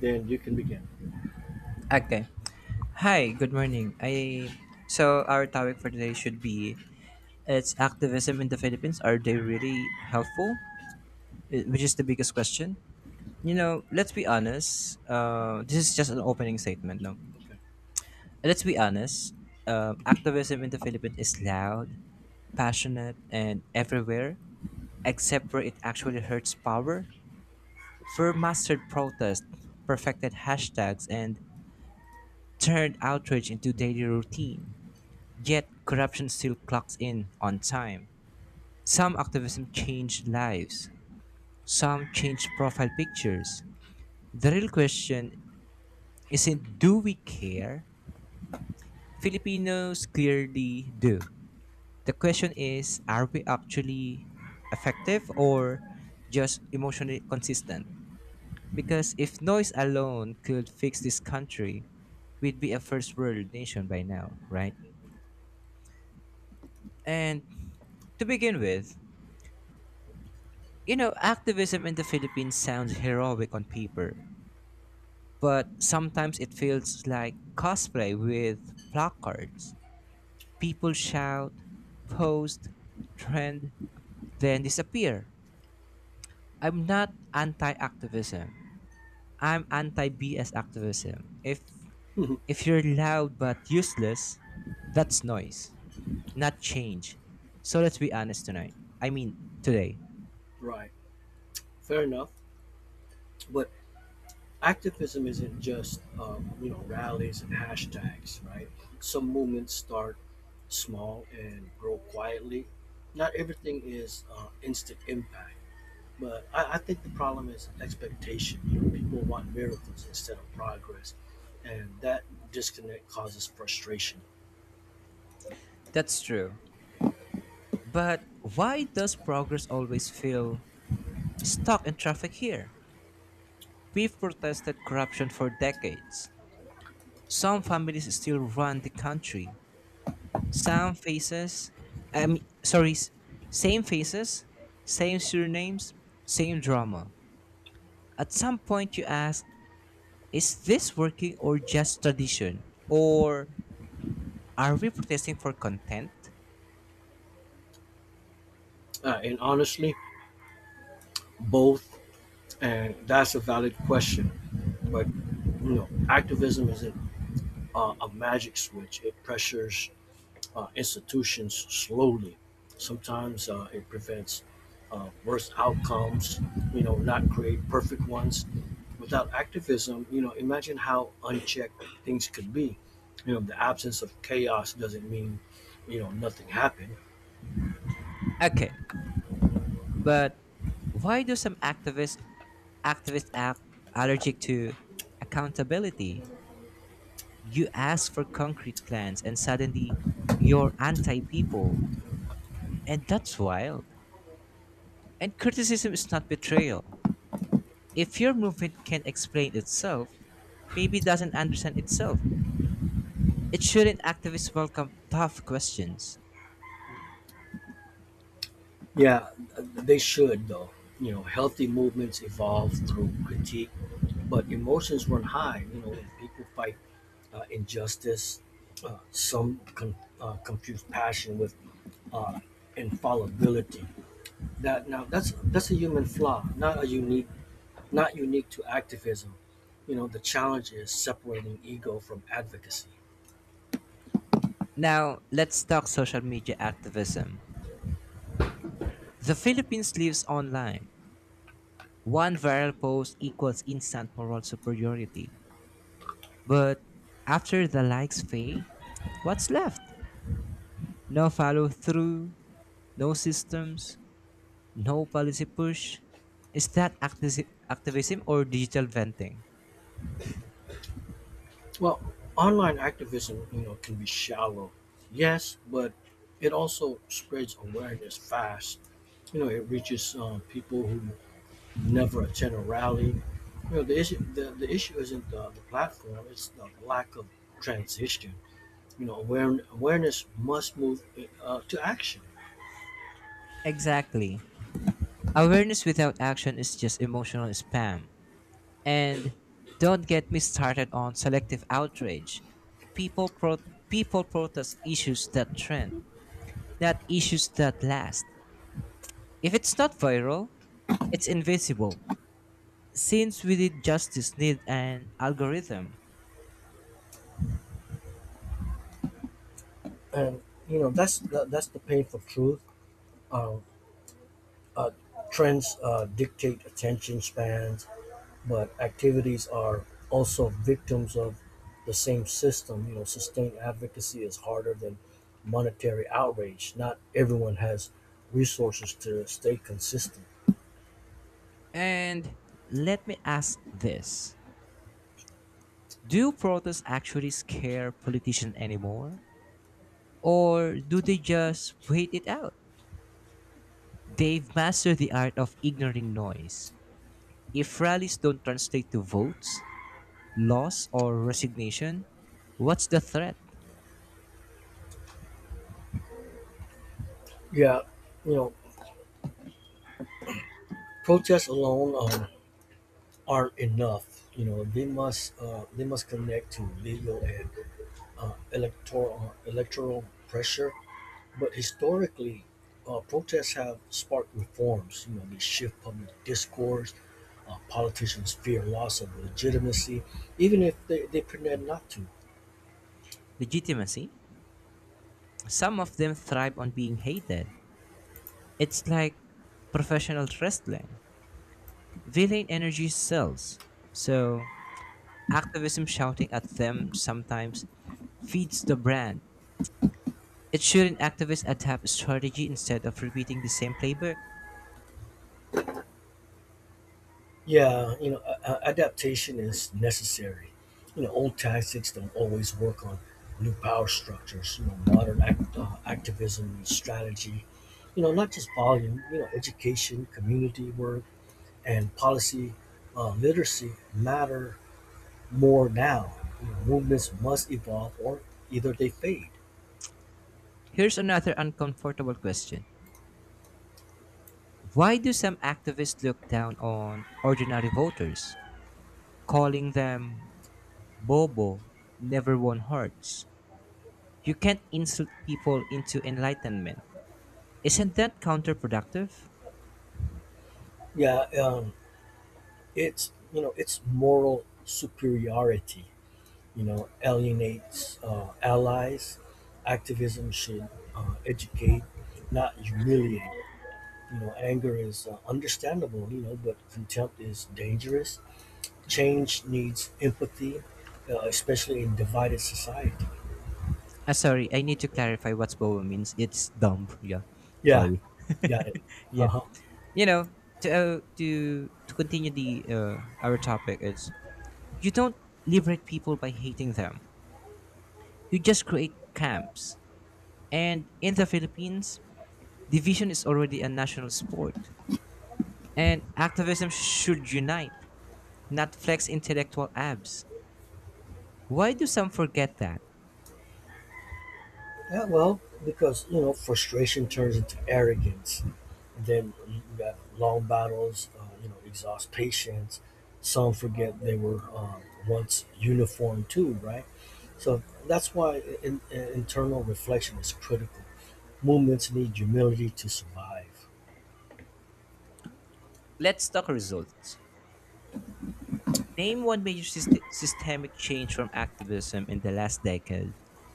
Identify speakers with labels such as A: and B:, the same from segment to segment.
A: Then you can begin.
B: Okay. Hi, good morning. I so our topic for today should be it's activism in the Philippines. Are they really helpful? Which is the biggest question. You
A: Okay.
B: know, let's be honest. This is just an opening statement. No, let's be honest. Activism in the Philippines is loud, passionate, and everywhere, except where it actually hurts power. For mastered protest, perfected hashtags, and turned outrage into daily routine. Yet corruption still clocks in on time. Some activism changed lives, some changed profile pictures. The real question isn't, do we care? Filipinos clearly do. The question is, are we actually effective or just emotionally consistent? Because if noise alone could fix this country, we'd be a first world nation by now, right? And to begin with, you know, activism in the Philippines sounds heroic on paper, but sometimes it feels like cosplay with placards. People shout, post, trend, then disappear. I'm not anti activism. I'm anti BS activism. If
A: Okay.
B: if you're loud but useless, that's noise, not change. So let's be honest tonight. I mean, today.
A: Right. Fair enough. But activism isn't just rallies and hashtags, right? Some movements start small and grow quietly. Not everything is instant impact, but I think the problem is expectation. People want miracles instead of progress, and that disconnect causes frustration.
B: That's true. But why does progress always feel stuck in traffic here? We've protested corruption for decades. Some families still run the country. Some faces, I mean, sorry, s- same faces, same surnames, same drama. At some point, you ask, is this working or just tradition? Or are we protesting for content?
A: And honestly, both. And that's a valid question. But activism isn't a magic switch. It pressures institutions slowly. Sometimes it prevents worse outcomes. Not create perfect ones. Without activism, imagine how unchecked things could be. The absence of chaos doesn't mean nothing happened.
B: Okay, but why do some activists act allergic to accountability? You ask for concrete plans and suddenly you're anti people. And that's wild. And criticism is not betrayal. If your movement can explain itself, maybe it doesn't understand itself. It shouldn't activists welcome tough questions?
A: Yeah, they should though. Healthy movements evolve through critique, but emotions run high. When people fight injustice, some confuse passion with uh, infallibility. That now that's a human flaw, not unique to activism. The challenge is separating ego from advocacy.
B: Now, let's talk social media activism. The Philippines lives online. One viral post equals instant moral superiority. But after the likes fade, what's left? No follow through, no systems, no policy push. Is that activism or digital venting?
A: Well, online activism, can be shallow. Yes, but it also spreads awareness fast. It reaches people who never attend a rally. The issue isn't the platform; it's the lack of transition. Awareness must move to action,
B: Exactly. Awareness without action is just emotional spam. And don't get me started on selective outrage. People pro- people protest issues that trend, not issues that last. If it's not viral, it's invisible. Since we did justice need an algorithm?
A: and that's the painful truth. Um, uh, trends dictate attention spans, but activities are also victims of the same system. Sustained advocacy is harder than monetary outrage. Not everyone has resources to stay consistent.
B: And let me ask this. Do protests actually scare politicians anymore? Or do they just wait it out? They've mastered the art of ignoring noise. If rallies don't translate to votes, loss, or resignation, what's the threat?
A: Yeah, you know, protests alone aren't enough. They must connect to legal and electoral pressure. But historically, protests have sparked reforms. They shift public discourse. Politicians fear loss of legitimacy, even if they pretend not to.
B: Legitimacy? Some of them thrive on being hated. It's like professional wrestling. Villain energy sells. So, activism shouting at them sometimes feeds the brand. It shouldn't activists adapt strategy instead of repeating the same playbook?
A: Yeah, adaptation is necessary. Old tactics don't always work on new power structures. Modern activism and strategy. Not just volume. Education, community work, and policy literacy matter more now. Movements must evolve, or either they fade.
B: Here's another uncomfortable question. Why do some activists look down on ordinary voters, calling them bobo, never won hearts? You can't insult people into enlightenment. Isn't that counterproductive?
A: Yeah, it's moral superiority. Alienates allies. Activism should educate, not humiliate. Anger is understandable. But contempt is dangerous. Change needs empathy, especially in divided society.
B: Ah, sorry, I need to clarify what bobo means. It's dumb. Yeah,
A: Yeah,
B: sorry.
A: got it. Uh
B: Yeah,
A: huh.
B: you know, to continue the our topic, it's you don't liberate people by hating them. You just create camps. And in the Philippines, division is already a national sport. And activism should unite, not flex intellectual abs. Why do some forget that?
A: Yeah, well, because frustration turns into arrogance, and then you got long battles. Exhaust patience. Some forget they were once uniform too, right? So that's why internal reflection is critical. Movements need humility to survive.
B: Let's talk results. Name one major systemic change from activism in the last decade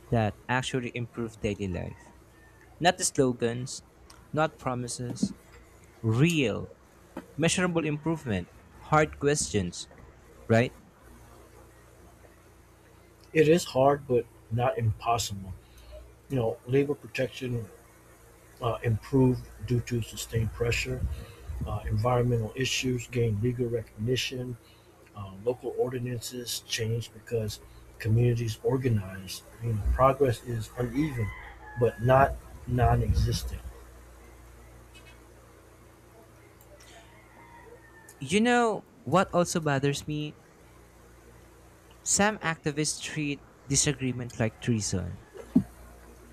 B: that actually improved daily life. Not the slogans, not promises, real, measurable improvement, hard questions, right?
A: It is hard, but not impossible. Labor protection improved due to sustained pressure. Environmental issues gained legal recognition. Local ordinances changed because communities organized. Progress is uneven, but not non-existent.
B: You know what also bothers me? Some activists treat disagreement like treason.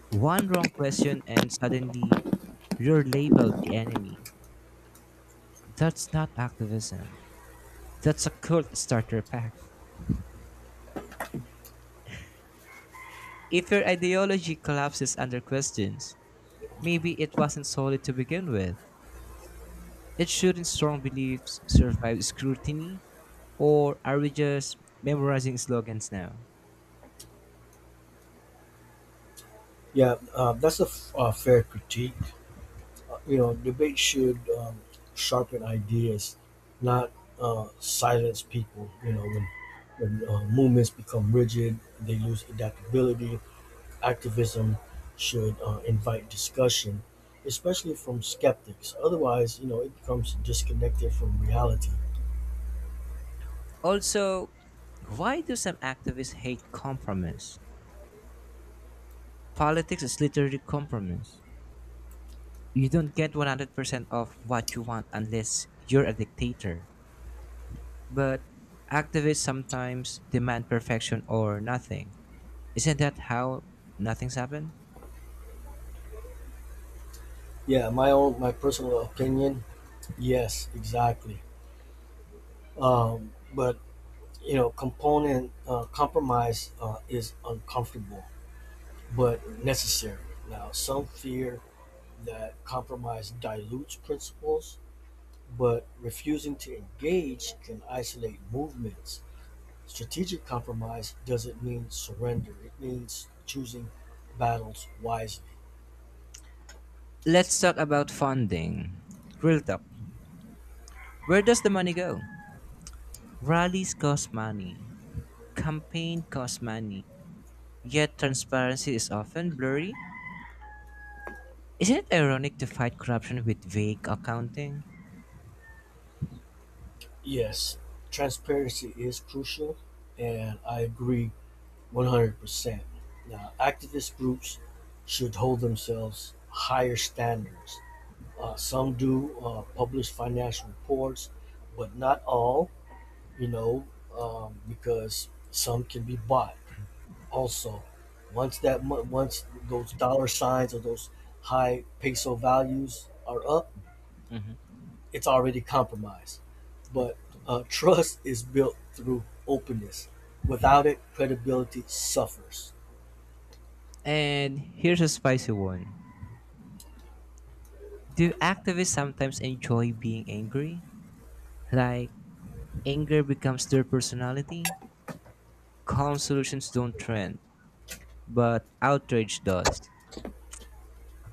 B: One wrong question and suddenly you're labeled the enemy. That's not activism. That's a cult starter pack. If your ideology collapses under questions, maybe it wasn't solid to begin with. It shouldn't strong beliefs survive scrutiny, or are we just memorizing slogans now?
A: Yeah, that's a fair critique. Debate should sharpen ideas, not silence people. When movements become rigid, they lose adaptability. Activism should invite discussion, especially from skeptics. Otherwise, it becomes disconnected from reality.
B: Also, why do some activists hate compromise? Politics is literally compromise. You don't get 100% of what you want unless you're a dictator. But activists sometimes demand perfection or nothing. Isn't that how nothing's happened?
A: Yeah, my personal opinion. Yes, exactly. But you know, component compromise is uncomfortable but necessary. Now, some fear that compromise dilutes principles, but refusing to engage can isolate movements. Strategic compromise doesn't mean surrender, it means choosing battles wisely.
B: Let's talk about funding. Real talk. Where does the money go? Rallies cost money. Campaign costs money. Yet transparency is often blurry. Isn't it ironic to fight corruption with vague accounting?
A: Yes, transparency is crucial, and I agree 100%. Now, activist groups should hold themselves higher standards. Some do publish financial reports, but not all, you know, because some can be bought. Also, once those dollar signs or those high peso values are up, it's already compromised. But trust is built through openness. Without it, credibility suffers.
B: And here's a spicy one. Do activists sometimes enjoy being angry? Like, anger becomes their personality? Calm solutions don't trend, but outrage does.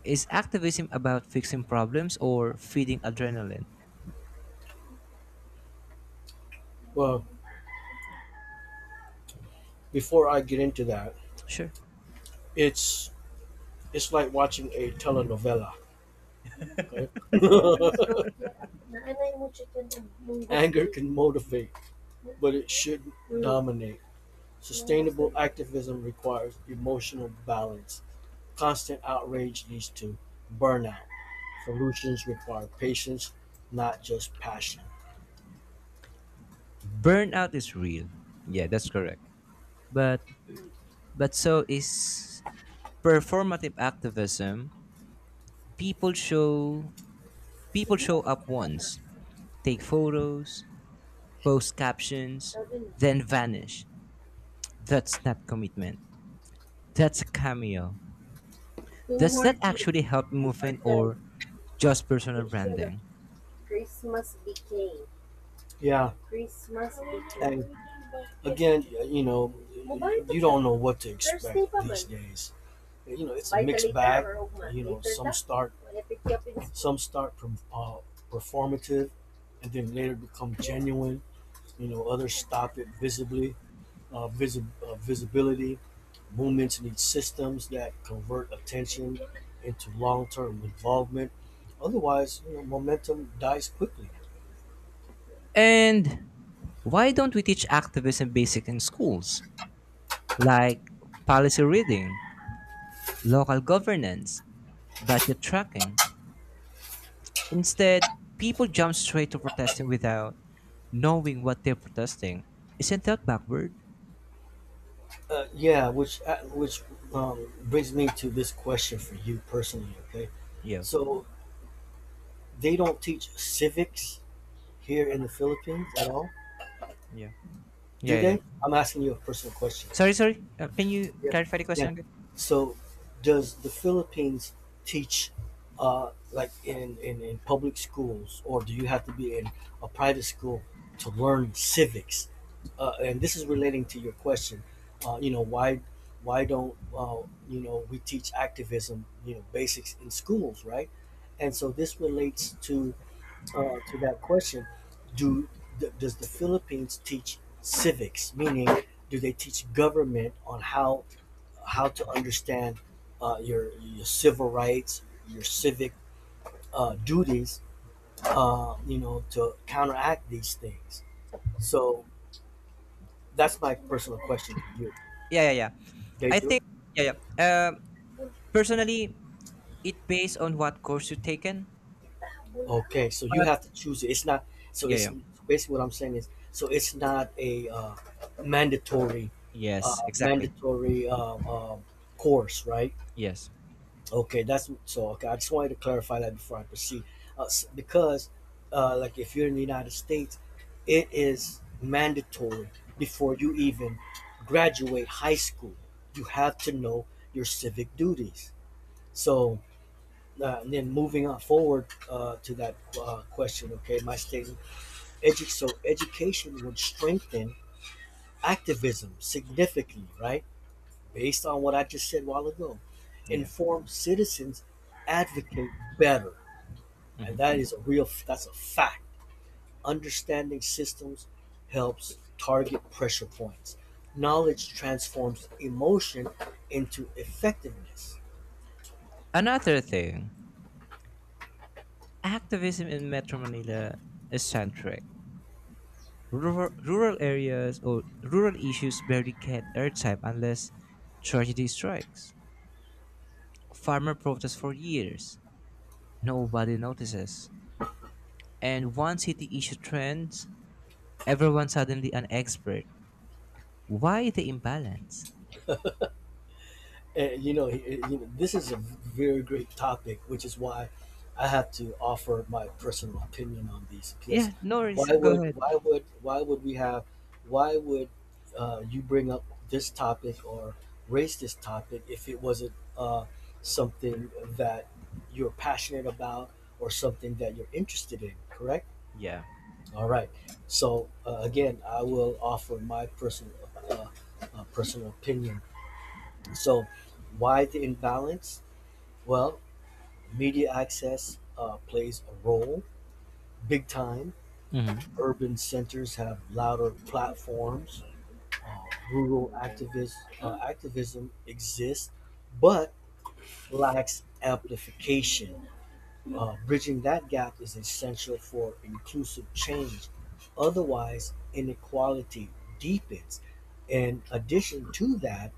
B: Is activism about fixing problems or feeding adrenaline?
A: Well, before I get into that,
B: Sure.
A: it's it's like watching a telenovela. Okay, anger can motivate, but it shouldn't dominate. Sustainable activism requires emotional balance. Constant outrage leads to burnout. Solutions require patience, not just passion.
B: Burnout is real. Yeah, that's correct. But but so is performative activism. People show people
A: Seven.
B: show up once, take photos, post captions, then vanish. That's not commitment. That's a cameo.
A: Two
B: Does
A: more
B: that
A: things.
B: actually help
A: We are
B: movement
A: done.
B: or just personal
A: Issue the
B: branding?
A: Christmas became. Yeah, Christmas. And again, you don't know what to expect these days. It's a mixed bag. You know, some start, some start from performative, and then later become genuine. Others stop it visibility. Movements need systems that convert attention into long-term involvement. Otherwise, momentum dies quickly.
B: And why don't we teach activism basic in schools? Like policy reading, local governance, budget tracking. Instead, people jump straight to protesting without knowing what they're protesting. Isn't that backward?
A: Yeah, which brings me to this question for you personally. Okay,
B: Yeah.
A: so they don't teach civics here in the Philippines at all?
B: Yeah.
A: Do
B: Yeah, yeah, yeah.
A: they? I'm asking you a personal question.
B: Sorry, sorry. Can you
A: Yeah.
B: clarify the
A: Yeah.
B: question again?
A: So, does the Philippines teach, like in public schools, or do you have to be in a private school to learn civics? And this is relating to your question. Uh, you know, why why don't we teach activism? Basics in schools, right? And so this relates to that question. do does the Philippines teach civics? Meaning, do they teach government on how to understand your civil rights, your civic duties? To counteract these things. So that's my personal question to you.
B: Yeah, yeah, yeah.
A: They
B: I
A: do.
B: think yeah, yeah. Personally, it based on what course you taken,
A: Okay, so you
B: but
A: have to choose it. It's not. So
B: yeah,
A: it's
B: yeah,
A: basically what I'm saying is. So it's not a mandatory,
B: yes,
A: uh,
B: exactly,
A: mandatory uh, uh, course, right?
B: yes,
A: Okay, that's so. Okay, I just wanted to clarify that before I proceed, because, like, if you're in the United States, it is mandatory before you even graduate high school. You have to know your civic duties. So, and then moving on forward to that question. Okay, my statement. So education would strengthen activism significantly, right? Based on what I just said a while ago.
B: yeah.
A: Informed citizens advocate better, and that's a fact. Understanding systems helps target pressure points. Knowledge transforms emotion into effectiveness.
B: Another thing, activism in Metro Manila is centric. Rural areas or rural issues barely get airtime unless tragedy strikes. Farmer protests for years, nobody notices, and once city issue trends, everyone suddenly an expert. Why the imbalance?
A: And, this is a very great topic, which is why I have to offer my personal opinion on these. Because
B: Yeah, no worries.
A: why
B: Go
A: would
B: ahead.
A: why would why would we have why would you bring up this topic or raise this topic if it wasn't uh, something that you're passionate about or something that you're interested in? Correct.
B: Yeah.
A: All right. So again, I will offer my uh, personal opinion. So, why the imbalance? Well, media access plays a role big time.
B: Mm-hmm.
A: Urban centers have louder platforms. Rural activism exists, but lacks amplification. Bridging that gap is essential for inclusive change. Otherwise, inequality deepens. In addition to that,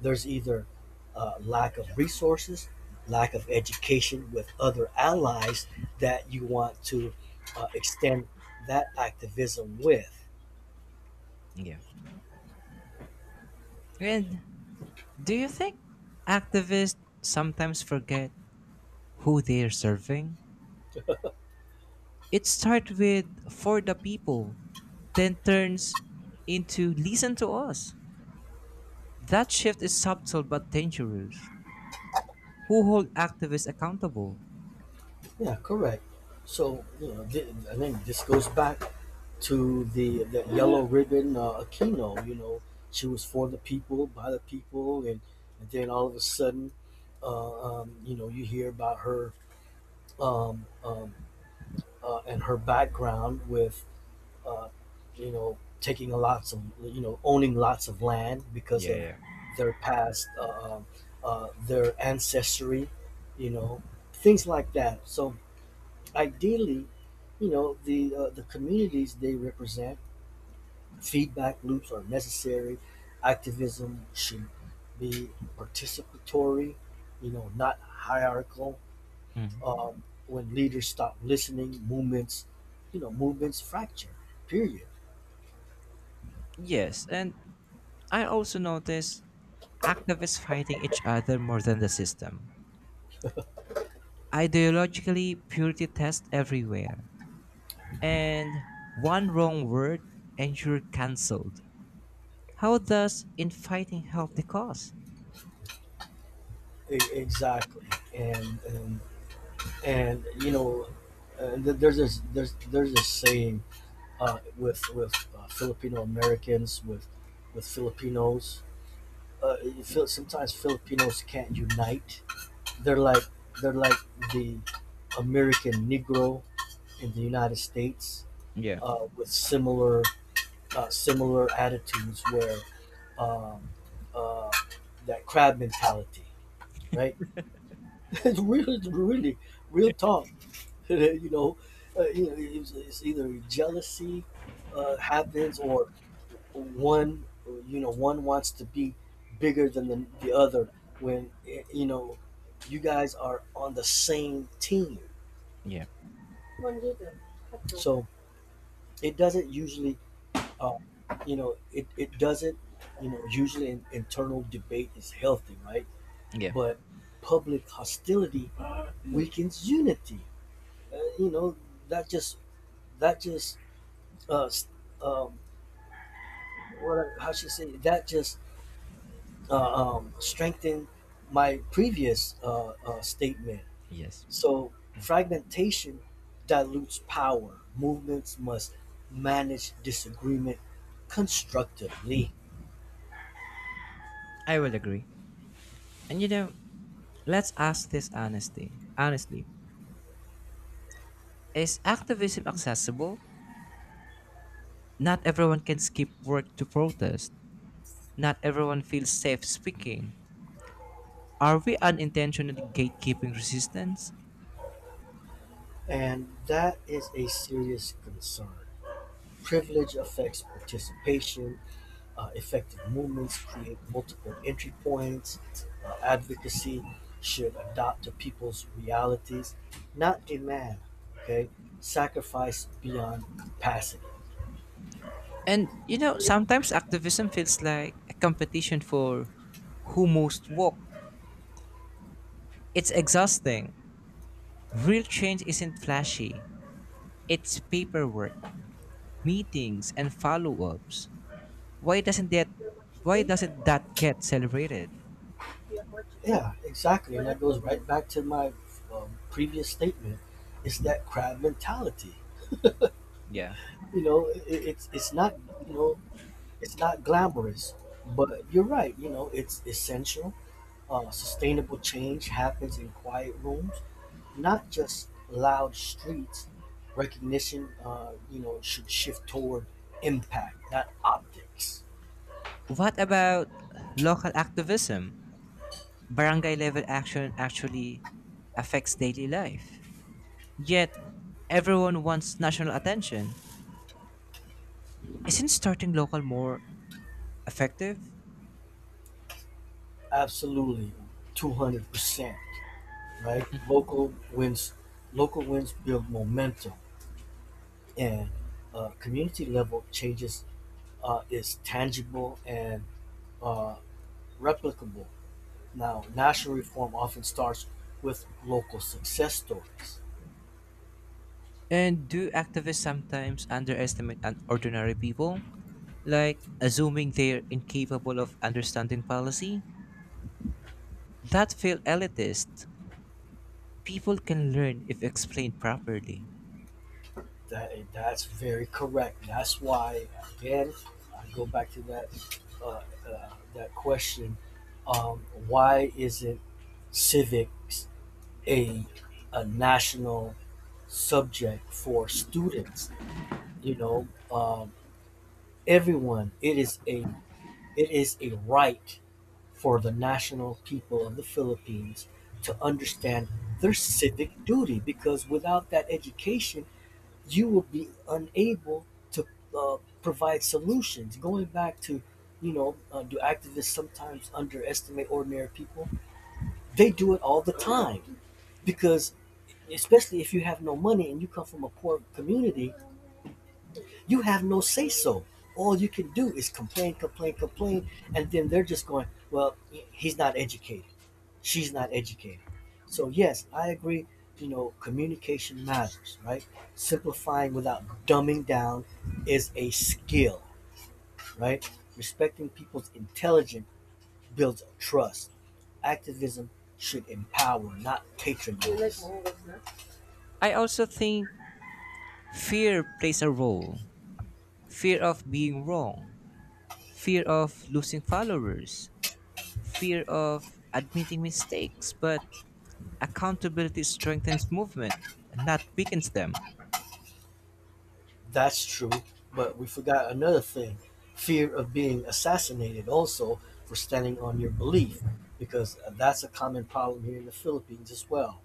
A: there's either lack of resources, lack of education with other allies that you want to extend that activism with.
B: Yeah. And do you think activists sometimes forget who they're serving? It starts with for the people, then turns into listen to us. That shift is subtle but dangerous. Who hold activists accountable?
A: Yeah, correct. So I think this goes back to the yellow ribbon Aquino. She was for the people, by the people, and then all of a sudden, you hear about her um, um, and her background with uh, you know, taking lots of, you know, owning lots of land because
B: Yeah,
A: of
B: yeah.
A: their past, uh, their ancestry, you know, things like that. So ideally, the communities they represent, feedback loops are necessary. Activism should be participatory, not hierarchical. When leaders stop listening, movements fracture. Period.
B: Yes, and I also notice activists fighting each other more than the system. Ideologically, purity tests everywhere, and one wrong word and you're cancelled. How does infighting help the cause?
A: Exactly, and and and there's this saying with Filipino Americans with Filipinos. You feel sometimes Filipinos can't unite. They're like they're like the American Negro in the United States,
B: Yeah,
A: with similar attitudes where um, uh, that crab mentality, right? It's really really real talk you know, it's either jealousy happens or one, one wants to be bigger than the other when, you guys are on the same team.
B: yeah,
A: So it doesn't usually, um, it, it doesn't, you know, usually an internal debate is healthy, right?
B: yeah,
A: But public hostility weakens unity. Uh, you know, that just that just uh, um, what how she say that just strengthened my previous statement.
B: yes.
A: So fragmentation dilutes power. Movements must manage disagreement constructively,
B: I will agree. And you know, let's ask this honestly. Honestly, is activism accessible? Not everyone can skip work to protest. Not everyone feels safe speaking. Are we unintentionally gatekeeping resistance?
A: and that is a serious concern. Privilege affects participation. Effective movements create multiple entry points. Advocacy should adopt to people's realities, not demand. Okay, sacrifice beyond capacity.
B: And you know, sometimes activism feels like a competition for who most woke. It's exhausting. Real change isn't flashy. It's paperwork, meetings and follow-ups. Why doesn't that why doesn't that get celebrated?
A: Yeah, exactly, and that goes right back to my previous statement. It's that crab mentality.
B: Yeah.
A: You know, it, it's it's not you know it's not glamorous, but you're right. It's essential. Sustainable change happens in quiet rooms, not just loud streets. Recognition, should shift toward impact, not optics.
B: What about local activism? Barangay level action actually affects daily life. Yet everyone wants national attention. Isn't starting local more effective?
A: Absolutely, 200%. Right, local wins. Local wins build momentum, and community level changes is tangible and uh, replicable. Now, national reform often starts with local success stories.
B: And do activists sometimes underestimate ordinary people? Like assuming they're incapable of understanding policy? That feel elitist. People can learn if explained properly.
A: That's very correct. That's why again, I go back to that question. Why isn't civics a a national subject for students? You know, um, Everyone. It is a right for the national people of the Philippines to understand their civic duty because without that education, you will be unable to provide solutions. Going back to, do activists sometimes underestimate ordinary people? They do it all the time because, especially if you have no money and you come from a poor community, you have no say so. All you can do is complain, complain, complain, and then they're just going, well, he's not educated. She's not educated. So, yes, I agree, communication matters, right? Simplifying without dumbing down is a skill, right? Respecting people's intelligence builds trust. Activism should empower, not patronize. No?
B: I also think fear plays a role, fear of being wrong, fear of losing followers, fear of admitting mistakes. But accountability strengthens movement, not weakens them.
A: That's true, but we forgot another thing: fear of being assassinated also for standing on your belief, because that's a common problem here in the Philippines as well.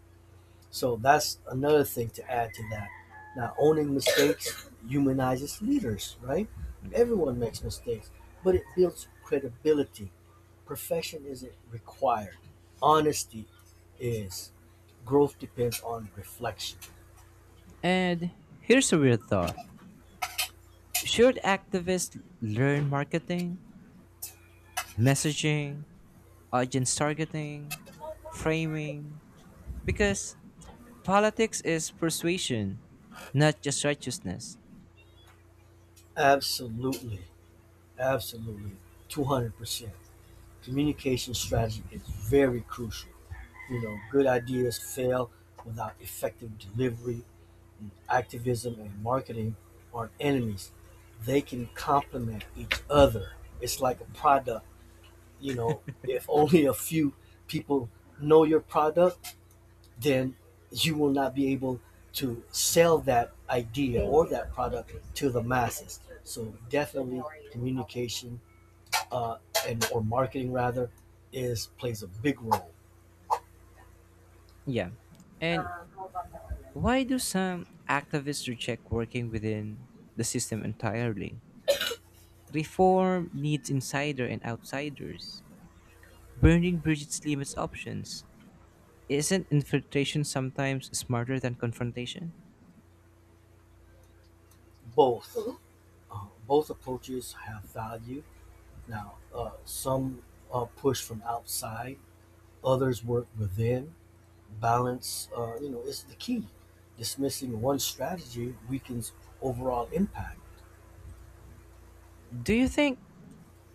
A: So that's another thing to add to that. Now, owning mistakes humanizes leaders, right?
B: Yeah.
A: Everyone makes mistakes, but it builds credibility. Perfection isn't required. Honesty is. Growth depends on reflection.
B: And here's a weird thought. Should activists learn marketing, messaging, audience targeting, framing? Because politics is persuasion, not just righteousness.
A: Absolutely. Absolutely, 200%. Communication strategy is very crucial. You know, good ideas fail without effective delivery, and activism and marketing aren't enemies. They can complement each other. It's like a product. You know, if only a few people know your product, then you will not be able to sell that idea or that product to the masses. So, definitely, communication uh, and or marketing rather is plays a big role.
B: Yeah. And
A: Um, how about that one? Then?
B: why do some activists reject working within the system entirely? Reform needs insider and outsiders. Burning bridges limits options. Isn't infiltration sometimes smarter than confrontation?
A: Both Mhm. Both approaches have value. Now, some push from outside, others work within. Balance, is the key. Dismissing one strategy weakens overall impact.
B: Do you think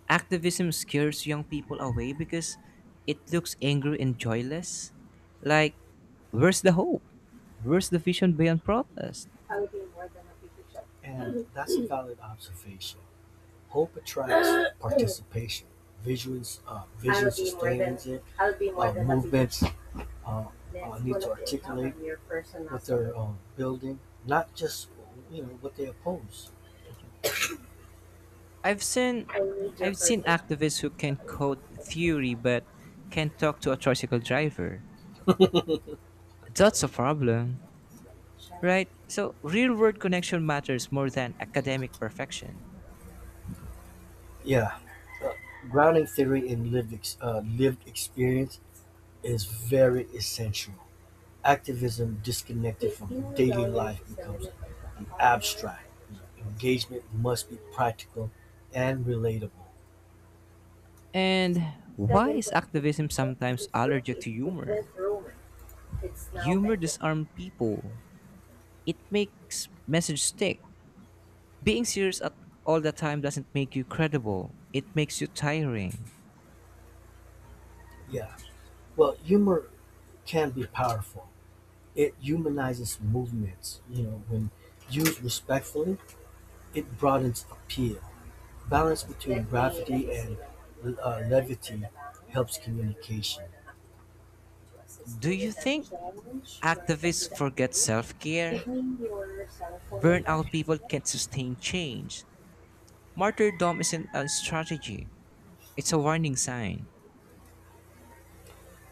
B: activism scares young people away because it looks angry and joyless? Like, where's the hope? Where's the vision beyond protest?
A: I would be more than a big shot. And that's a valid observation. Hope attracts participation, visuals, I visual sustains it, movements, need to articulate what they're building, not just what they oppose.
B: I've seen
A: I need your
B: I've seen
A: personal.
B: activists who can code theory but can't talk to a tricycle driver. That's a problem, right? So real world connection matters more than academic perfection.
A: Yeah, uh, grounding theory in lived experience is very essential. Activism disconnected from daily life becomes abstract; engagement must be practical and relatable.
B: And why
A: Seven
B: is
A: twenty
B: activism
A: cents
B: sometimes
A: is
B: allergic
A: rupees,
B: to
A: but
B: humor?
A: with Roman, it's now
B: Humor
A: peso.
B: disarms people. It makes message stick. Being serious at all the time doesn't make you credible. It makes you tiring.
A: Yeah. Well, humor can be powerful. It humanizes movements. You know, when used respectfully, it broadens appeal. Balance between gravity and levity helps communication. To assist
B: Do
A: you
B: you
A: with that
B: think
A: challenge or
B: activists
A: with the
B: forget
A: upgrade. Give
B: self-care?
A: me your cell phone number.
B: Burnout people can't sustain change. Martyrdom isn't a strategy, it's a warning sign.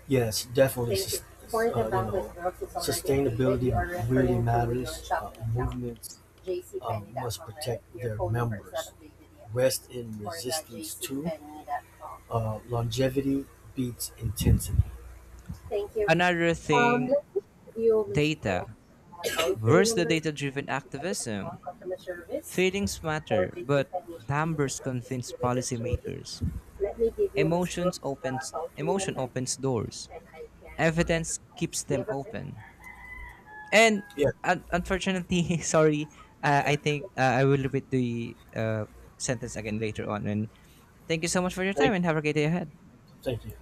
A: Yes, definitely. Thank you. For the bandwidth growth is already updated. Sustainability You are referring really referring to your matters. Shopee account. Movements must JCPenney.com, right? Protect Your their phone number is members. Not updated yet. Rest in For the resistance to JCPenney.com. Longevity beats intensity. Thank you.
B: Another thing,
A: Let me view Ms. Brooks,
B: data.
A: toll free
B: Where's the
A: number
B: data driven
A: for
B: activism?
A: customer service.
B: Feelings
A: For
B: matter,
A: this
B: but
A: information being
B: numbers convince
A: associated with the change.
B: policymakers.
A: Let me give you Ms. Brooks the toll free
B: Emotion
A: number
B: opens doors.
A: and I can connect her
B: Evidence
A: call.
B: keeps
A: Do you
B: them
A: have a pen?
B: open. And
A: Yeah,
B: unfortunately, sorry,
A: yeah.
B: I think I will repeat the sentence again later on. And thank you so much for your time
A: Thank
B: and have a great day
A: you.
B: ahead.
A: Thank you.